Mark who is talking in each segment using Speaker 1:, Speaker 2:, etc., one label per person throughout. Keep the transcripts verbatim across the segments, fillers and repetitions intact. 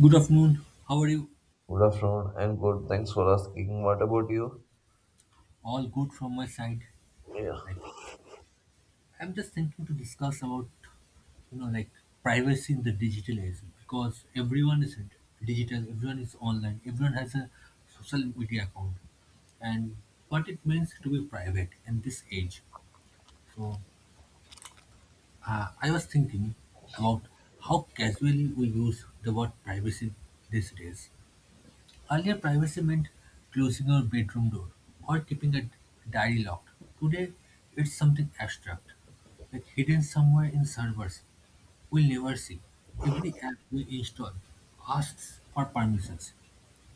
Speaker 1: Good afternoon. How are you?
Speaker 2: Good afternoon and good. Thanks for asking. What about you?
Speaker 1: All good from my side.
Speaker 2: Yeah.
Speaker 1: Like, I'm just thinking to discuss about you know like privacy in the digital age because everyone is digital, everyone is online, everyone has a social media account, and what it means to be private in this age. So uh, I was thinking about how casually we use the word privacy these days. Earlier, privacy meant closing your bedroom door or keeping a diary locked. Today, it's something abstract, like hidden somewhere in servers we'll never see. Every app we install asks for permissions.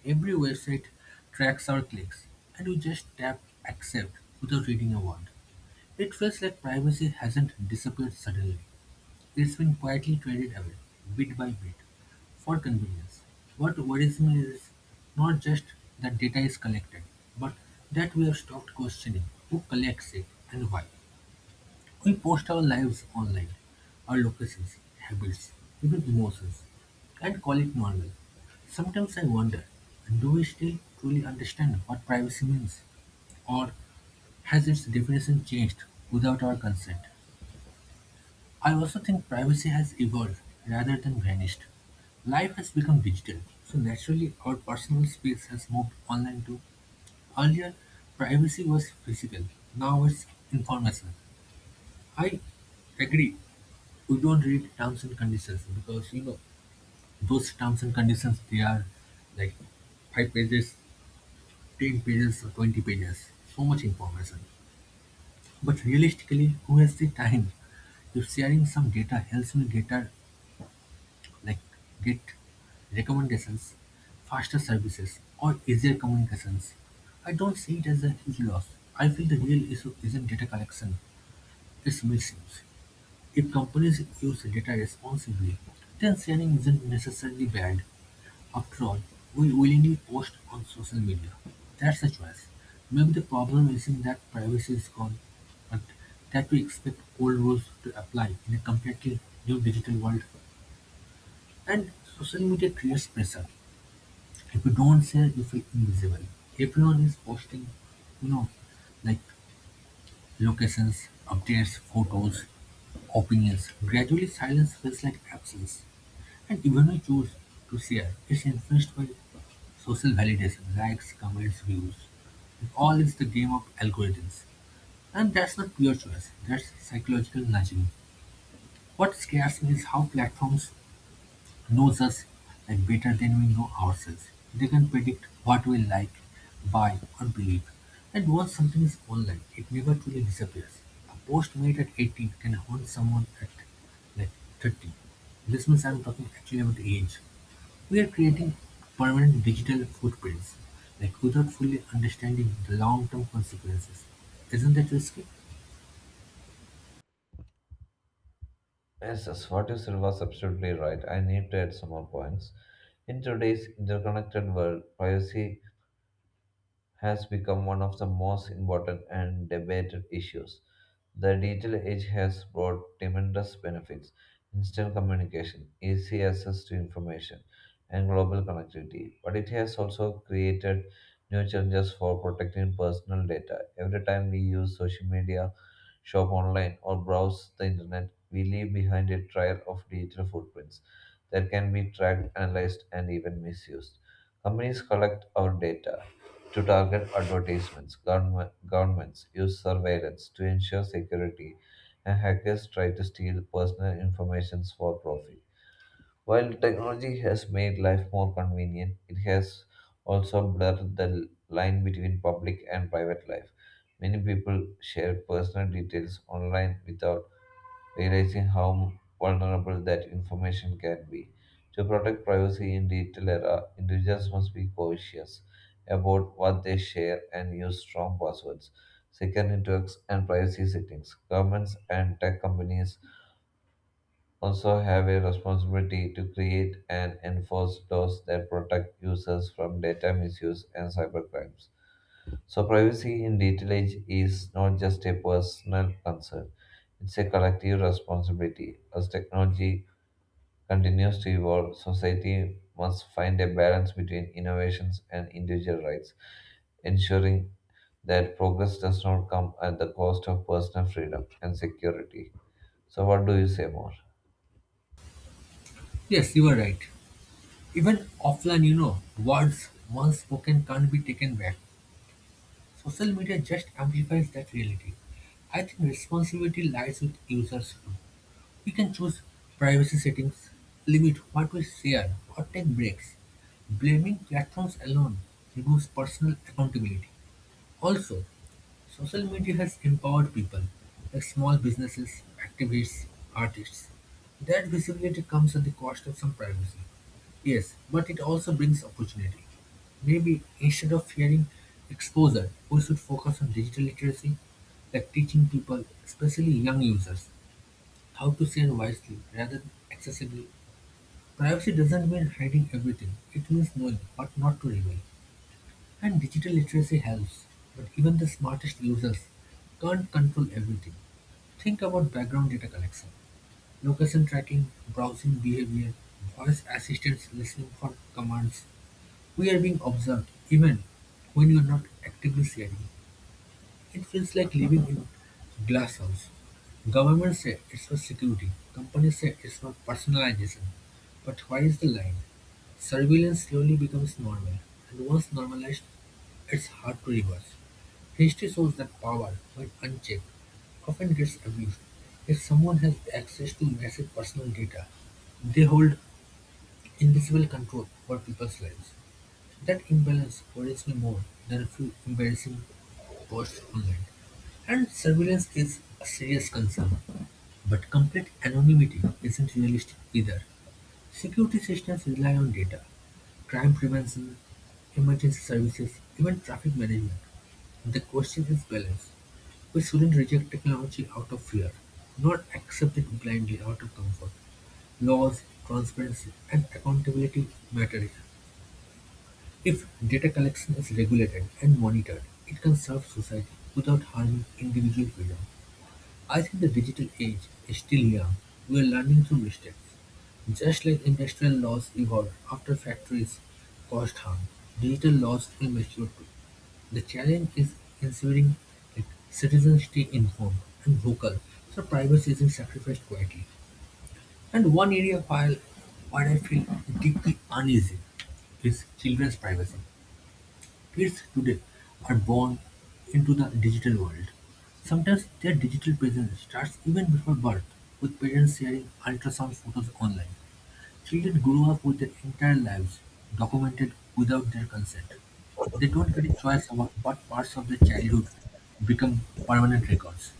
Speaker 1: Every website tracks our clicks, and we just tap accept without reading a word. It feels like privacy hasn't disappeared suddenly. It's been quietly traded away, bit by bit, for convenience. What worries me is not just that data is collected, but that we have stopped questioning who collects it and why. We post our lives online, our locations, habits, even emotions, and call it normal. Sometimes I wonder, do we still truly understand what privacy means? Or has its definition changed without our consent? I also think privacy has evolved rather than vanished. Life has become digital, so naturally our personal space has moved online too. Earlier, privacy was physical, now it's informational. I agree, we don't read terms and conditions because you know those terms and conditions they are like five pages, ten pages, or twenty pages. So much information. But realistically, who has the time? If sharing some data helps me get our like Git, recommendations, faster services, or easier communications. I don't see it as a huge loss. I feel the real issue isn't data collection, it's misuse. If companies use data responsibly, then sharing isn't necessarily bad. After all, we willingly post on social media. That's a choice. Maybe the problem isn't that privacy is gone, but that we expect old rules to apply in a completely new digital world. And social media creates pressure. If you don't share, you feel invisible. Everyone is posting, you know, like locations, updates, photos, opinions. Gradually, silence feels like absence. And even when you choose to share, it's influenced by social validation, likes, comments, views. It all is the game of algorithms. And that's not pure choice, that's psychological nudging. What scares me is how platforms knows us like better than we know ourselves. They can predict what we like, buy, or believe. And once something is online, it never truly disappears. A post made at eighteen can haunt someone at like thirty. This means I'm talking actually about age. We are creating permanent digital footprints, like without fully understanding the long-term consequences. Isn't that risky?
Speaker 2: Yes, yes, what you said was absolutely right. I need to add some more points. In today's interconnected world, privacy has become one of the most important and debated issues. The digital age has brought tremendous benefits instant communication, easy access to information, and global connectivity. But it has also created new challenges for protecting personal data. Every time we use social media, shop online, or browse the internet, we leave behind a trail of digital footprints that can be tracked, analyzed, and even misused. Companies collect our data to target advertisements. Government, governments use surveillance to ensure security, and hackers try to steal personal information for profit. While technology has made life more convenient, it has also blurred the l- line between public and private life. Many people share personal details online without realizing how vulnerable that information can be. To protect privacy in digital era, individuals must be cautious about what they share and use strong passwords, secure networks, and privacy settings. Governments and tech companies also have a responsibility to create and enforce laws that protect users from data misuse and cybercrimes. So, privacy in digital age is not just a personal concern, it's a collective responsibility. As technology continues to evolve, society must find a balance between innovations and individual rights, ensuring that progress does not come at the cost of personal freedom and security. So, what do you say more?
Speaker 1: Yes, you are right. Even offline, you know, words once spoken can't be taken back. Social media just amplifies that reality. I think responsibility lies with users too. We can choose privacy settings, limit what we share, or take breaks. Blaming platforms alone removes personal accountability. Also, social media has empowered people like small businesses, activists, artists. That visibility comes at the cost of some privacy. Yes, but it also brings opportunity. Maybe instead of fearing exposure, we should focus on digital literacy, like teaching people, especially young users, how to share wisely rather than excessively. Privacy doesn't mean hiding everything, it means knowing what not to reveal. And digital literacy helps, but even the smartest users can't control everything. Think about background data collection, location tracking, browsing behavior, voice assistants listening for commands. We are being observed, even when you are not actively sharing. It feels like living in glass house. Governments say it's for security. Companies say it's for personalization. But where is the line? Surveillance slowly becomes normal, and once normalized, it's hard to reverse. History shows that power, when unchecked, often gets abused. If someone has access to massive personal data, they hold invisible control over people's lives. That imbalance worries me more than a few embarrassing posts online. And surveillance is a serious concern. But complete anonymity isn't realistic either. Security systems rely on data, crime prevention, emergency services, even traffic management. The question is balance. We shouldn't reject technology out of fear, nor accept it blindly out of comfort. Laws, transparency, and accountability matter here. If data collection is regulated and monitored, it can serve society without harming individual freedom. I think the digital age is still young. We are learning through mistakes. Just like industrial laws evolved after factories caused harm, digital laws will mature too. The challenge is ensuring that citizens stay informed and vocal so privacy isn't sacrificed quietly. And one area while, where I feel deeply uneasy is children's privacy. Kids today are born into the digital world. Sometimes their digital presence starts even before birth, with parents sharing ultrasound photos online. Children grow up with their entire lives documented without their consent. They don't get a choice about what parts of their childhood become permanent records.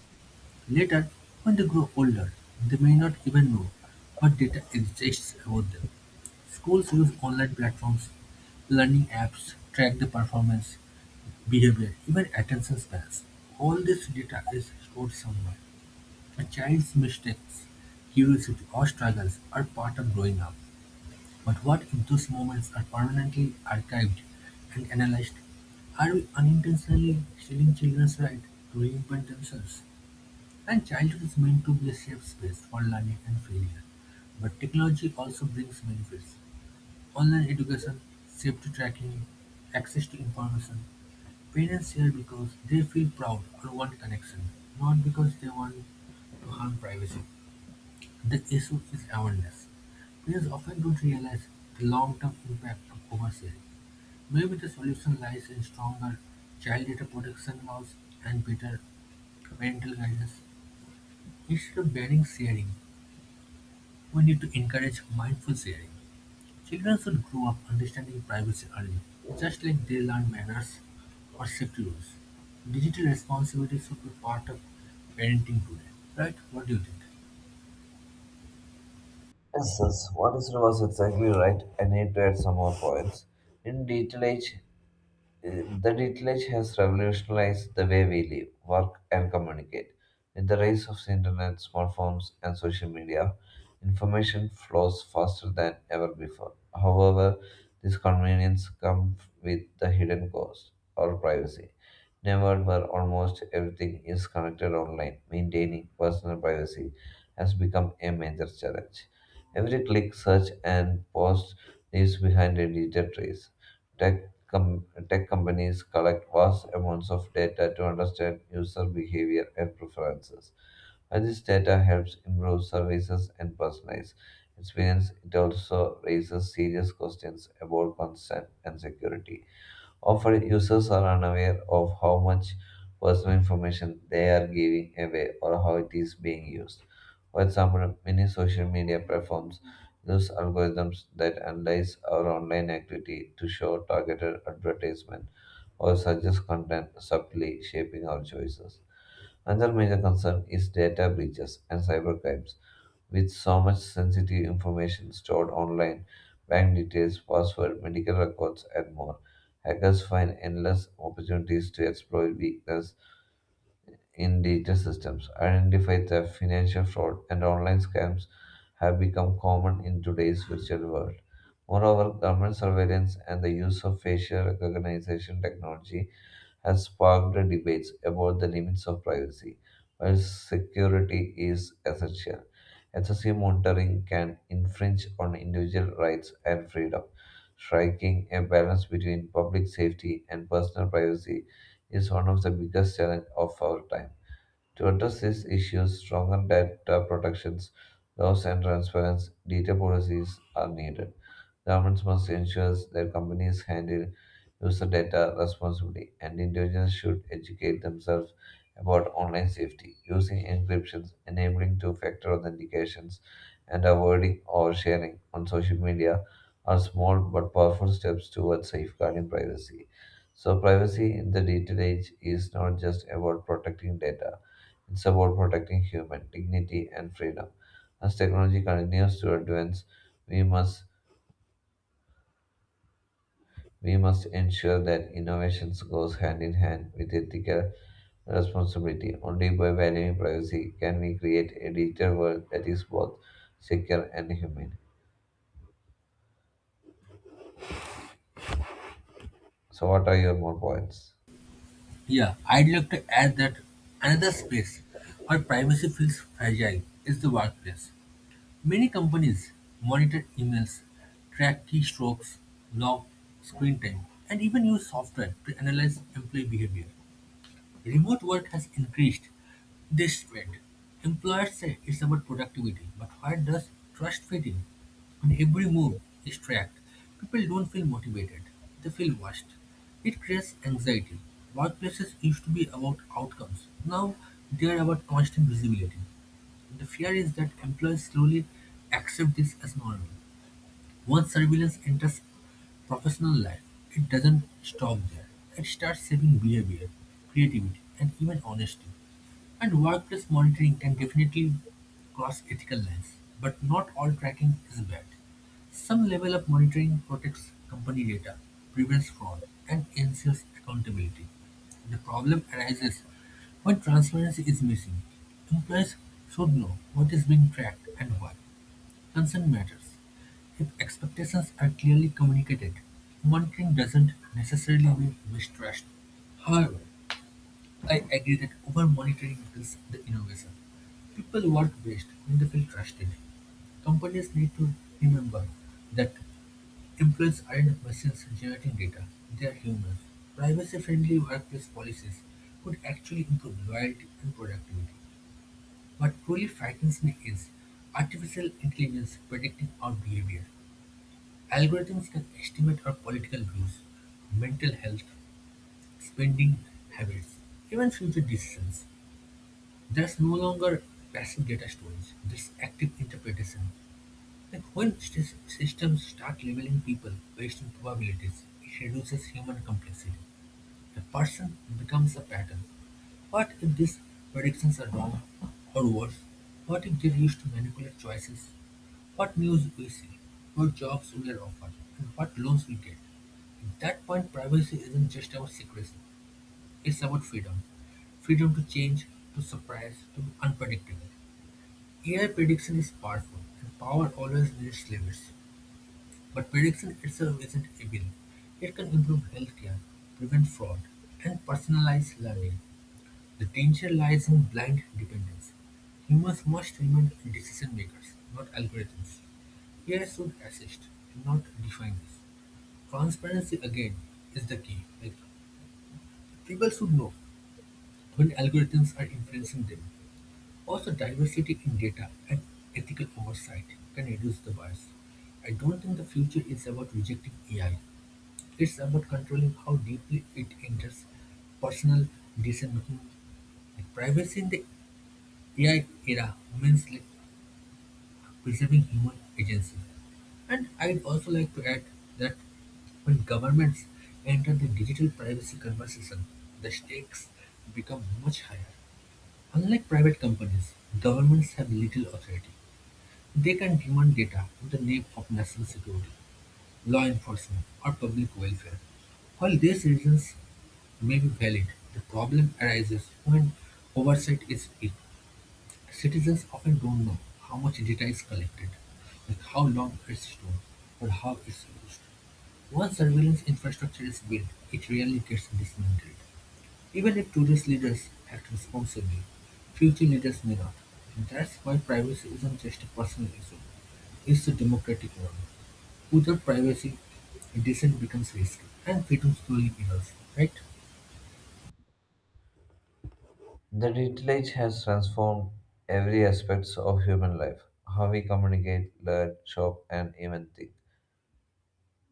Speaker 1: Later, when they grow older, they may not even know what data exists about them. Schools use online platforms, learning apps track the performance, behavior, even attention spans. All this data is stored somewhere. A child's mistakes, curiosity, or struggles are part of growing up. But what if those moments are permanently archived and analyzed? Are we unintentionally stealing children's right to reinvent themselves? And childhood is meant to be a safe space for learning and failure. But technology also brings benefits. Online education, safety tracking, access to information. Parents share because they feel proud or want connection, not because they want to harm privacy. The issue is awareness. Parents often don't realize the long-term impact of oversharing. Maybe the solution lies in stronger child data protection laws and better parental guidance. Instead of banning sharing, we need to encourage mindful sharing. Children should grow up understanding privacy early, just like they learn manners or safety rules. Digital responsibility should be part of parenting today, right? What do you think?
Speaker 2: Yes, yes, what is was exactly right. I need to add some more points. In digital age, the digital has revolutionized the way we live, work, and communicate. With the rise of the internet, smartphones, and social media, information flows faster than ever before. However, this convenience comes with the hidden cost or privacy. In a world where almost everything is connected online, maintaining personal privacy has become a major challenge. Every click, search, and post leaves behind a digital trace. Tech com- tech companies collect vast amounts of data to understand user behavior and preferences. While this data helps improve services and personalize experience, it also raises serious questions about consent and security. Often, users are unaware of how much personal information they are giving away or how it is being used. For example, many social media platforms use algorithms that analyze our online activity to show targeted advertisement or suggest content subtly shaping our choices. Another major concern is data breaches and cybercrimes. With so much sensitive information stored online, bank details, password, medical records, and more, hackers find endless opportunities to exploit weaknesses in digital systems. Identify theft, financial fraud, and online scams have become common in today's virtual world. Moreover, government surveillance and the use of facial recognition technology has sparked debates about the limits of privacy, while security is essential. Excessive monitoring can infringe on individual rights and freedom. Striking a balance between public safety and personal privacy is one of the biggest challenges of our time. To address these issues, stronger data protections, laws and transparent data policies are needed. Governments must ensure their companies handle user data responsibly, and individuals should educate themselves about online safety, using encryptions, enabling two-factor authentications, and avoiding oversharing on social media are small but powerful steps towards safeguarding privacy. So, privacy in the digital age is not just about protecting data; it's about protecting human dignity and freedom. As technology continues to advance, we must we must ensure that innovations goes hand in hand with ethical responsibility. Only by valuing privacy can we create a digital world that is both secure and humane. So what are your more points?
Speaker 1: Yeah, I'd like to add that another space where privacy feels fragile is the workplace. Many companies monitor emails, track keystrokes, log screen time, and even use software to analyze employee behavior. Remote work has increased this trend. Employers say it's about productivity, but where does trust fit in? When every move is tracked, people don't feel motivated, they feel watched. It creates anxiety. Workplaces used to be about outcomes, now they are about constant visibility. The fear is that employees slowly accept this as normal. Once surveillance enters professional life, it doesn't stop there. It starts shaping behavior, creativity, and even honesty. And workplace monitoring can definitely cross ethical lines, but not all tracking is bad. Some level of monitoring protects company data, prevents fraud, and ensures accountability. The problem arises when transparency is missing. Employees should know what is being tracked and why. Consent matters if expectations are clearly communicated. Monitoring doesn't necessarily mean mistrust. However, I agree that over monitoring kills the innovation. People work best when they feel trusted. Companies need to remember that employees aren't machines generating data, they are humans. Privacy friendly workplace policies could actually improve loyalty and productivity. What truly frightens me is artificial intelligence predicting our behavior. Algorithms can estimate our political views, mental health, spending habits, even future decisions. There's no longer passive data storage, there's active interpretation. Like when sys- systems start labeling people based on probabilities, it reduces human complexity. The person becomes a pattern, what if these predictions are wrong? Or worse, what if they used to manipulate choices? What news we see, what jobs we are offered, and what loans we get? At that point, privacy isn't just about secrecy, it's about freedom. Freedom to change, to surprise, to be unpredictable. A I prediction is powerful, and power always needs limits. But prediction itself isn't evil. It can improve healthcare, prevent fraud, and personalize learning. The danger lies in blind dependence: humans must remain decision-makers, not algorithms. A I should assist, not define this. Transparency, again, is the key. Like, people should know when algorithms are influencing them. Also, diversity in data and ethical oversight can reduce the bias. I don't think the future is about rejecting A I. It's about controlling how deeply it enters personal decision making. Privacy in the A I era means like preserving human agency. And I'd also like to add that when governments enter the digital privacy conversation, the stakes become much higher. Unlike private companies, governments have little authority. They can demand data in the name of national security, law enforcement, or public welfare. While these reasons may be valid, the problem arises when oversight is weak. Citizens often don't know how much data is collected, like how long it's stored, or how it's used. Once surveillance infrastructure is built, it rarely gets dismantled. Even if today's leaders act responsibly, future leaders may not. And that's why privacy isn't just a personal issue, it's a democratic one. Without privacy, dissent becomes risky, and freedom slowly erodes, right?
Speaker 2: The digital age has transformed every aspects of human life, how we communicate, learn, shop and even think.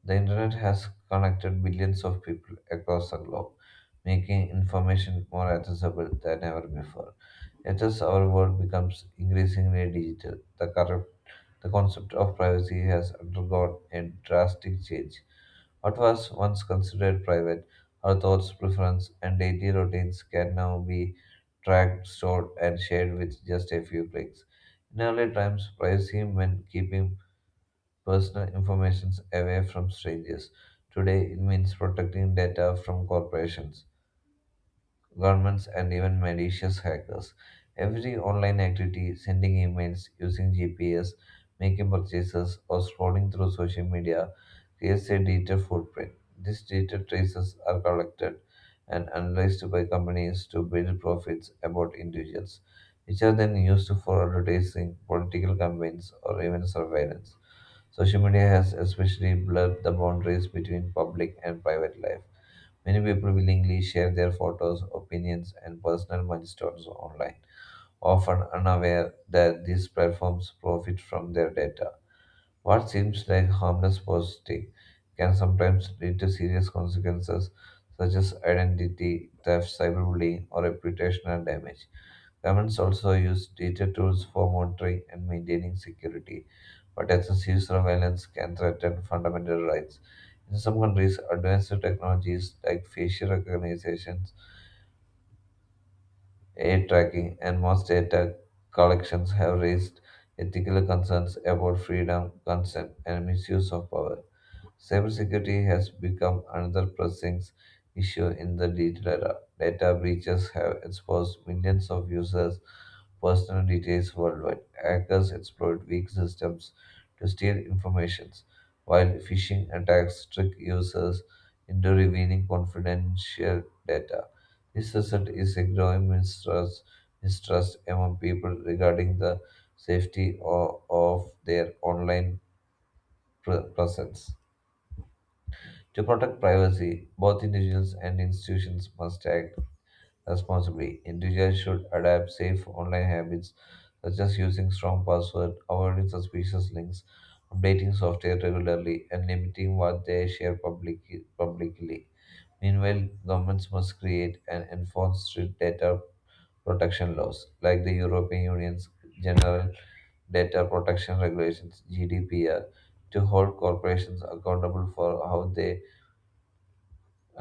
Speaker 2: The internet has connected billions of people across the globe, making information more accessible than ever before. Yet, as our world becomes increasingly digital, the, current, the concept of privacy has undergone a drastic change. What was once considered private, our thoughts, preferences, and daily routines can now be tracked, stored, and shared with just a few clicks. In early times, privacy meant keeping personal information away from strangers. Today, it means protecting data from corporations governments, and even malicious hackers. Every online activity, sending emails, using G P S, making purchases, or scrolling through social media, creates a digital footprint. These digital traces are collected and analyzed by companies to build profits about individuals, which are then used for advertising, political campaigns, or even surveillance. Social media has especially blurred the boundaries between public and private life. Many people willingly share their photos, opinions, and personal milestones online, often unaware that these platforms profit from their data. What seems like harmless posting can sometimes lead to serious consequences such as identity theft, cyberbullying, or reputational damage. Governments also use data tools for monitoring and maintaining security, but excessive surveillance can threaten fundamental rights. In some countries, advanced technologies like facial recognition, A I tracking, and mass data collections have raised ethical concerns about freedom, consent, and misuse of power. Cybersecurity has become another pressing issue in the digital era. Data breaches have exposed millions of users' personal details worldwide. Hackers exploit weak systems to steal information, while phishing attacks trick users into revealing confidential data. This result is a growing mistrust, mistrust among people regarding the safety o- of their online pre- presence. To protect privacy, both individuals and institutions must act responsibly. Individuals should adapt safe online habits such as using strong passwords, avoiding suspicious links, updating software regularly, and limiting what they share public- publicly. Meanwhile, governments must create and enforce strict data protection laws, like the European Union's General Data Protection Regulations (G D P R), to hold corporations accountable for how they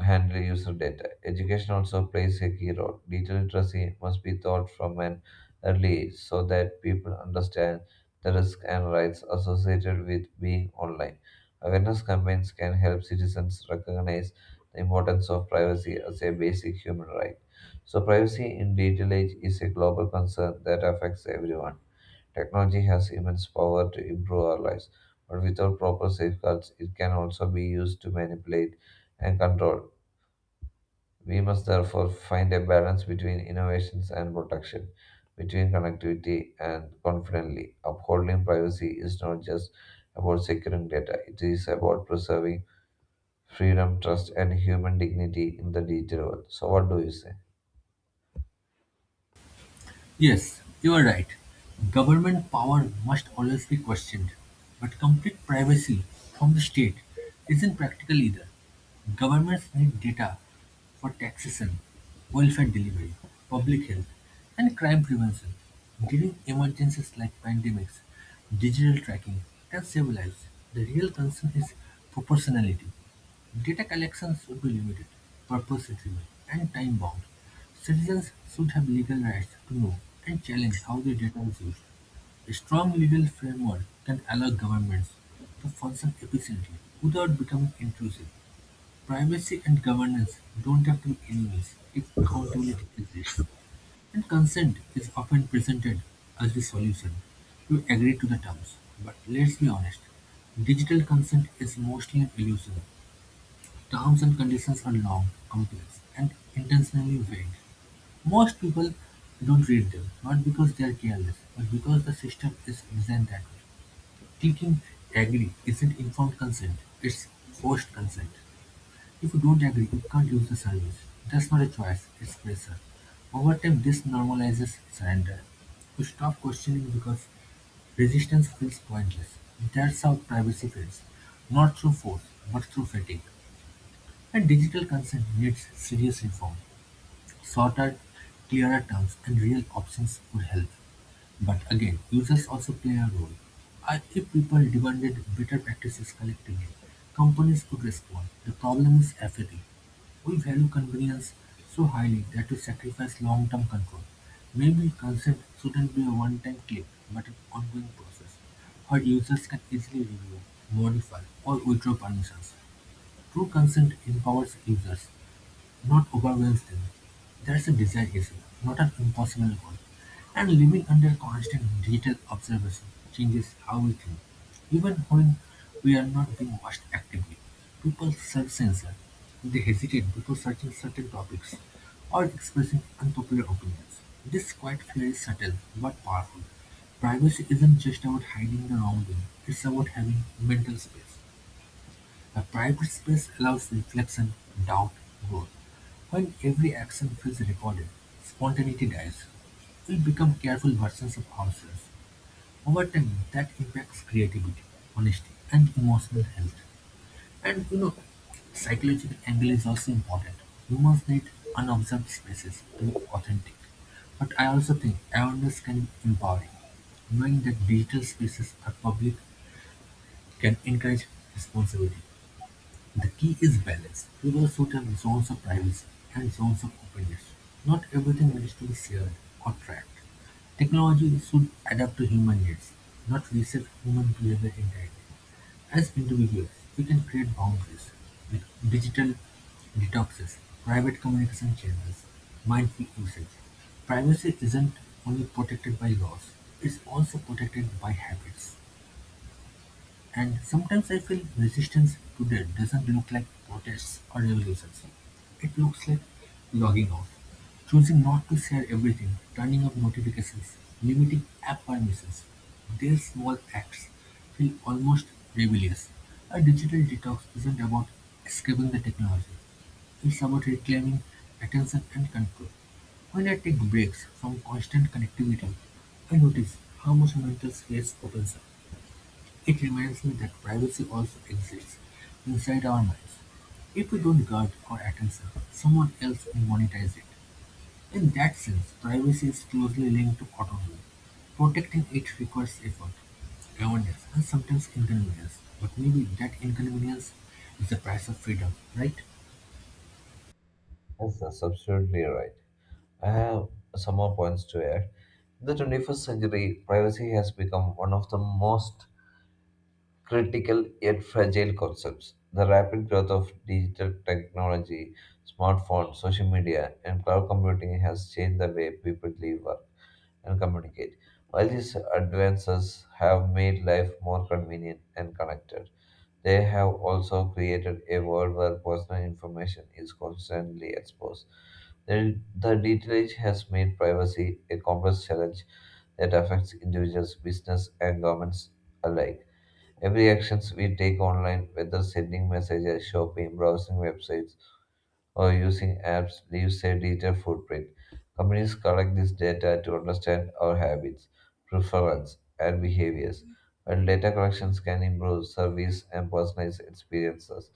Speaker 2: handle user data. Education also plays a key role. Digital literacy must be taught from an early age so that people understand the risks and rights associated with being online. Awareness campaigns can help citizens recognize the importance of privacy as a basic human right. So, privacy in digital age is a global concern that affects everyone. Technology has immense power to improve our lives, but without proper safeguards, it can also be used to manipulate and control. We must therefore find a balance between innovations and protection, between connectivity and confidently. Upholding privacy is not just about securing data, it is about preserving freedom, trust, and human dignity in the digital world. So, what do you say?
Speaker 1: Yes, you are right. Government power must always be questioned, but complete privacy from the state isn't practical either. Governments need data for taxation, welfare delivery, public health, and crime prevention. During emergencies like pandemics, digital tracking can save lives. The real concern is proportionality. Data collections should be limited, purpose-driven, and time-bound; citizens should have legal rights to know and challenge how their data is used. A strong legal framework can allow governments to function efficiently without becoming intrusive. Privacy and governance don't have to be enemies if accountability exists, and consent is often presented as the solution. You agree to the terms, but let's be honest, digital consent is mostly an illusion. Terms and conditions are long, complex, and intentionally vague. Most people don't read them, not because they are careless, but because the system is designed that way. Clicking agree isn't informed consent, it's forced consent. If you don't agree, you can't use the service. That's not a choice, it's pressure. Over time, this normalizes surrender. You stop questioning because resistance feels pointless. That's how privacy feels, not through force, but through fatigue. And digital consent needs serious reform. Shorter, clearer terms and real options would help. But again, users also play a role. I- If people demanded better practices collectively, companies could respond. The problem is apathy. We value convenience so highly that we sacrifice long-term control. Maybe consent shouldn't be a one-time click, but an ongoing process, where users can easily review, modify, or withdraw permissions. True consent empowers users, not overwhelms them. That's a desire is not an impossible goal, and living under constant digital observation changes how we think. Even when we are not being watched actively, people self-censor. They hesitate before searching certain topics or expressing unpopular opinions. This quiet fear is subtle but powerful. Privacy isn't just about hiding the wrongdoing; it's about having mental space. The private space allows reflection, doubt, growth. When every action feels recorded, spontaneity dies. We become careful versions of ourselves. Over time, that impacts creativity, honesty, and emotional health. And you know, psychological angle is also important. Humans need unobserved spaces to be authentic. But I also think awareness can be empowering. Knowing that digital spaces are public can encourage responsibility. The key is balance. People should have zones of privacy and zones of openness. Not everything needs to be shared or tracked. Technology should adapt to human needs, not reset human behavior entirely. As individuals, we can create boundaries with digital detoxes, private communication channels, mindful usage. Privacy isn't only protected by laws, it's also protected by habits. And sometimes I feel resistance today doesn't look like protests or revolutions. It looks like logging off, choosing not to share everything, turning off notifications, limiting app permissions. These small acts feel almost rebellious. A digital detox isn't about escaping the technology. It's about reclaiming attention and control. When I take breaks from constant connectivity, I notice how much mental space opens up. It reminds me that privacy also exists inside our minds. If we don't guard our attention, someone else will monetize it. In that sense, privacy is closely linked to autonomy. Protecting it requires effort, awareness, and sometimes inconvenience. But maybe that inconvenience is the price of freedom, right?
Speaker 2: Yes, that's absolutely right. I have some more points to add. In the twenty-first century, privacy has become one of the most critical yet fragile concepts. The rapid growth of digital technology, smartphones, social media, and cloud computing has changed the way people live, work, and communicate. While these advances have made life more convenient and connected, they have also created a world where personal information is constantly exposed. The, the digital age has made privacy a complex challenge that affects individuals, business, and governments alike. Every actions we take online, whether sending messages, shopping, browsing websites, or using apps, leaves a digital footprint. Companies collect this data to understand our habits, preferences, and behaviors. While data collections can improve service and personalized experiences,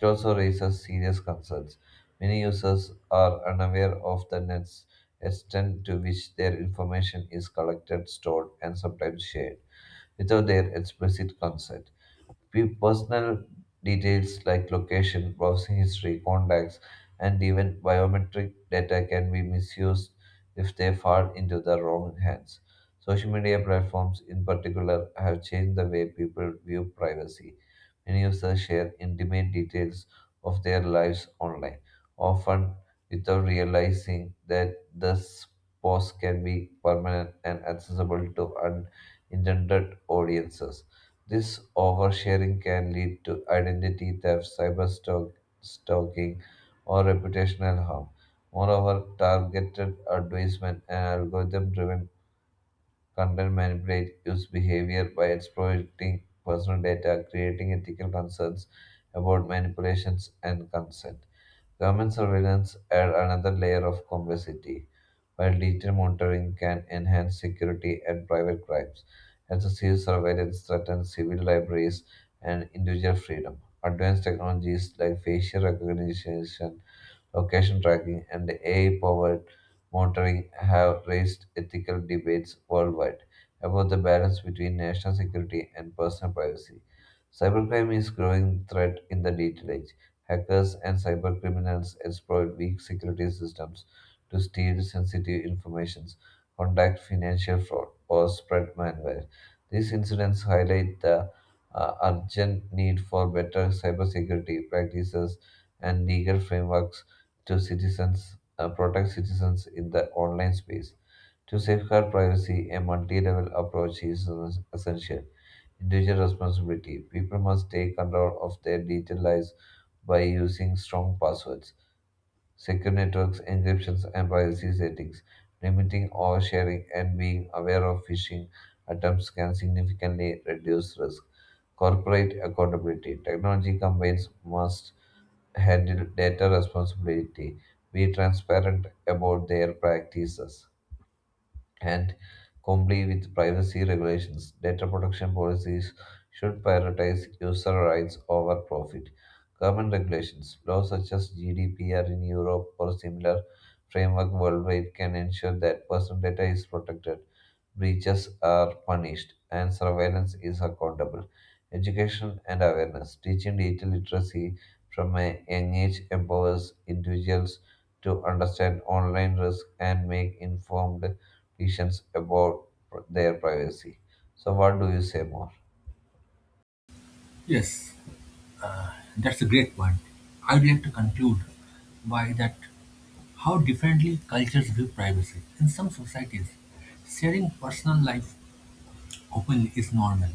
Speaker 2: it also raises serious concerns. Many users are unaware of the nets extent to which their information is collected, stored, and sometimes shared without their explicit consent. Pe- Personal details like location, browsing history, contacts, and even biometric data can be misused if they fall into the wrong hands. Social media platforms, in particular, have changed the way people view privacy. Many users share intimate details of their lives online, often without realizing that this post can be permanent and accessible to unintended audiences. This oversharing can lead to identity theft, cyber stalk- stalking, or reputational harm. Moreover, targeted advertisement and algorithm driven content manipulate use behavior by exploiting personal data, creating ethical concerns about manipulations and consent. Government surveillance adds another layer of complexity, while digital monitoring can enhance security and private crimes. Excessive surveillance threatens civil libraries and individual freedom. Advanced technologies like facial recognition location tracking, and A I powered monitoring have raised ethical debates worldwide about the balance between national security and personal privacy. Cybercrime is a growing threat in the digital age. Hackers and cybercriminals exploit weak security systems to steal sensitive information, conduct financial fraud, or spread malware. These incidents highlight the uh, urgent need for better cybersecurity practices and legal frameworks to citizens uh, protect citizens in the online space. To safeguard privacy, a multi-level approach is es- essential. Individual responsibility. People must take control of their digital lives by using strong passwords, secure networks, encryptions, and privacy settings. Limiting oversharing and being aware of phishing attempts can significantly reduce risk. Corporate accountability. Technology companies must handle data responsibility, be transparent about their practices and comply with privacy regulations. Data protection policies should prioritize user rights over profit. Government regulations, laws such as G D P R in Europe or similar framework worldwide, can ensure that personal data is protected breaches are punished, and surveillance is accountable. Education and awareness. Teaching digital literacy from a young age empowers individuals to understand online risk and make informed decisions about their privacy. So, what do you say more?
Speaker 1: Yes, that's a great point. I'd like to conclude by that how differently cultures view privacy. In some societies, sharing personal life open is normal;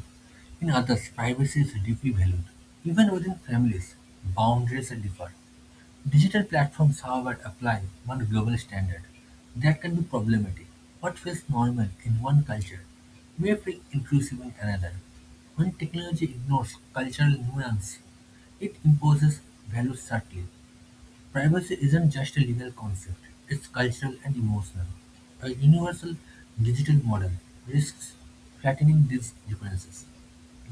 Speaker 1: in others, privacy is deeply valued. Even within families, boundaries differ. Digital platforms, however, apply one global standard. That can be problematic. What feels normal in one culture may feel intrusive in another. When technology ignores cultural nuance, it imposes values subtly. Privacy isn't just a legal concept, it's cultural and emotional. A universal digital model risks flattening these differences,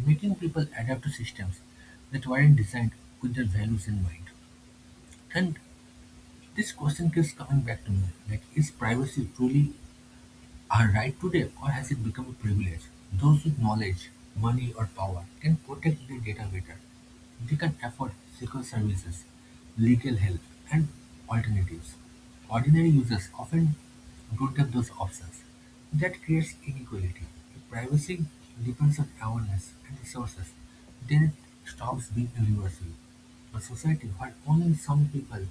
Speaker 1: making people adapt to systems that weren't designed with their values in mind. And this question keeps coming back to me, like is privacy truly our right to them, or has it become a privilege? Those with knowledge, money, or power can protect their data better. They can afford secure services, legal help, and alternatives. Ordinary users often don't have those options. That creates inequality. If privacy depends on awareness and resources, then it stops being universal. A society where only some people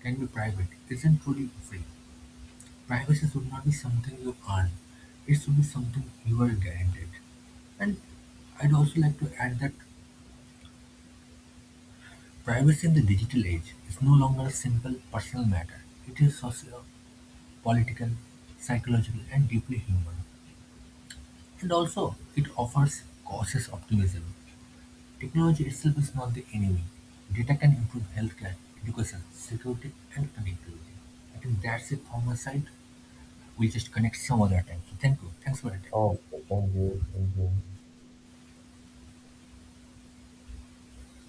Speaker 1: can be private isn't truly free. Privacy should not be something you earn. It should be something you are guaranteed. And I'd also like to add that privacy in the digital age is no longer a simple personal matter. It is socio political, psychological, and deeply human. And also, it offers cautious optimism. Technology itself is not the enemy. Data can improve healthcare, education, security, and connectivity. I think that's it from my side. We'll just connect some other time. So thank you. Thanks for attending.
Speaker 2: Oh, thank you, thank you.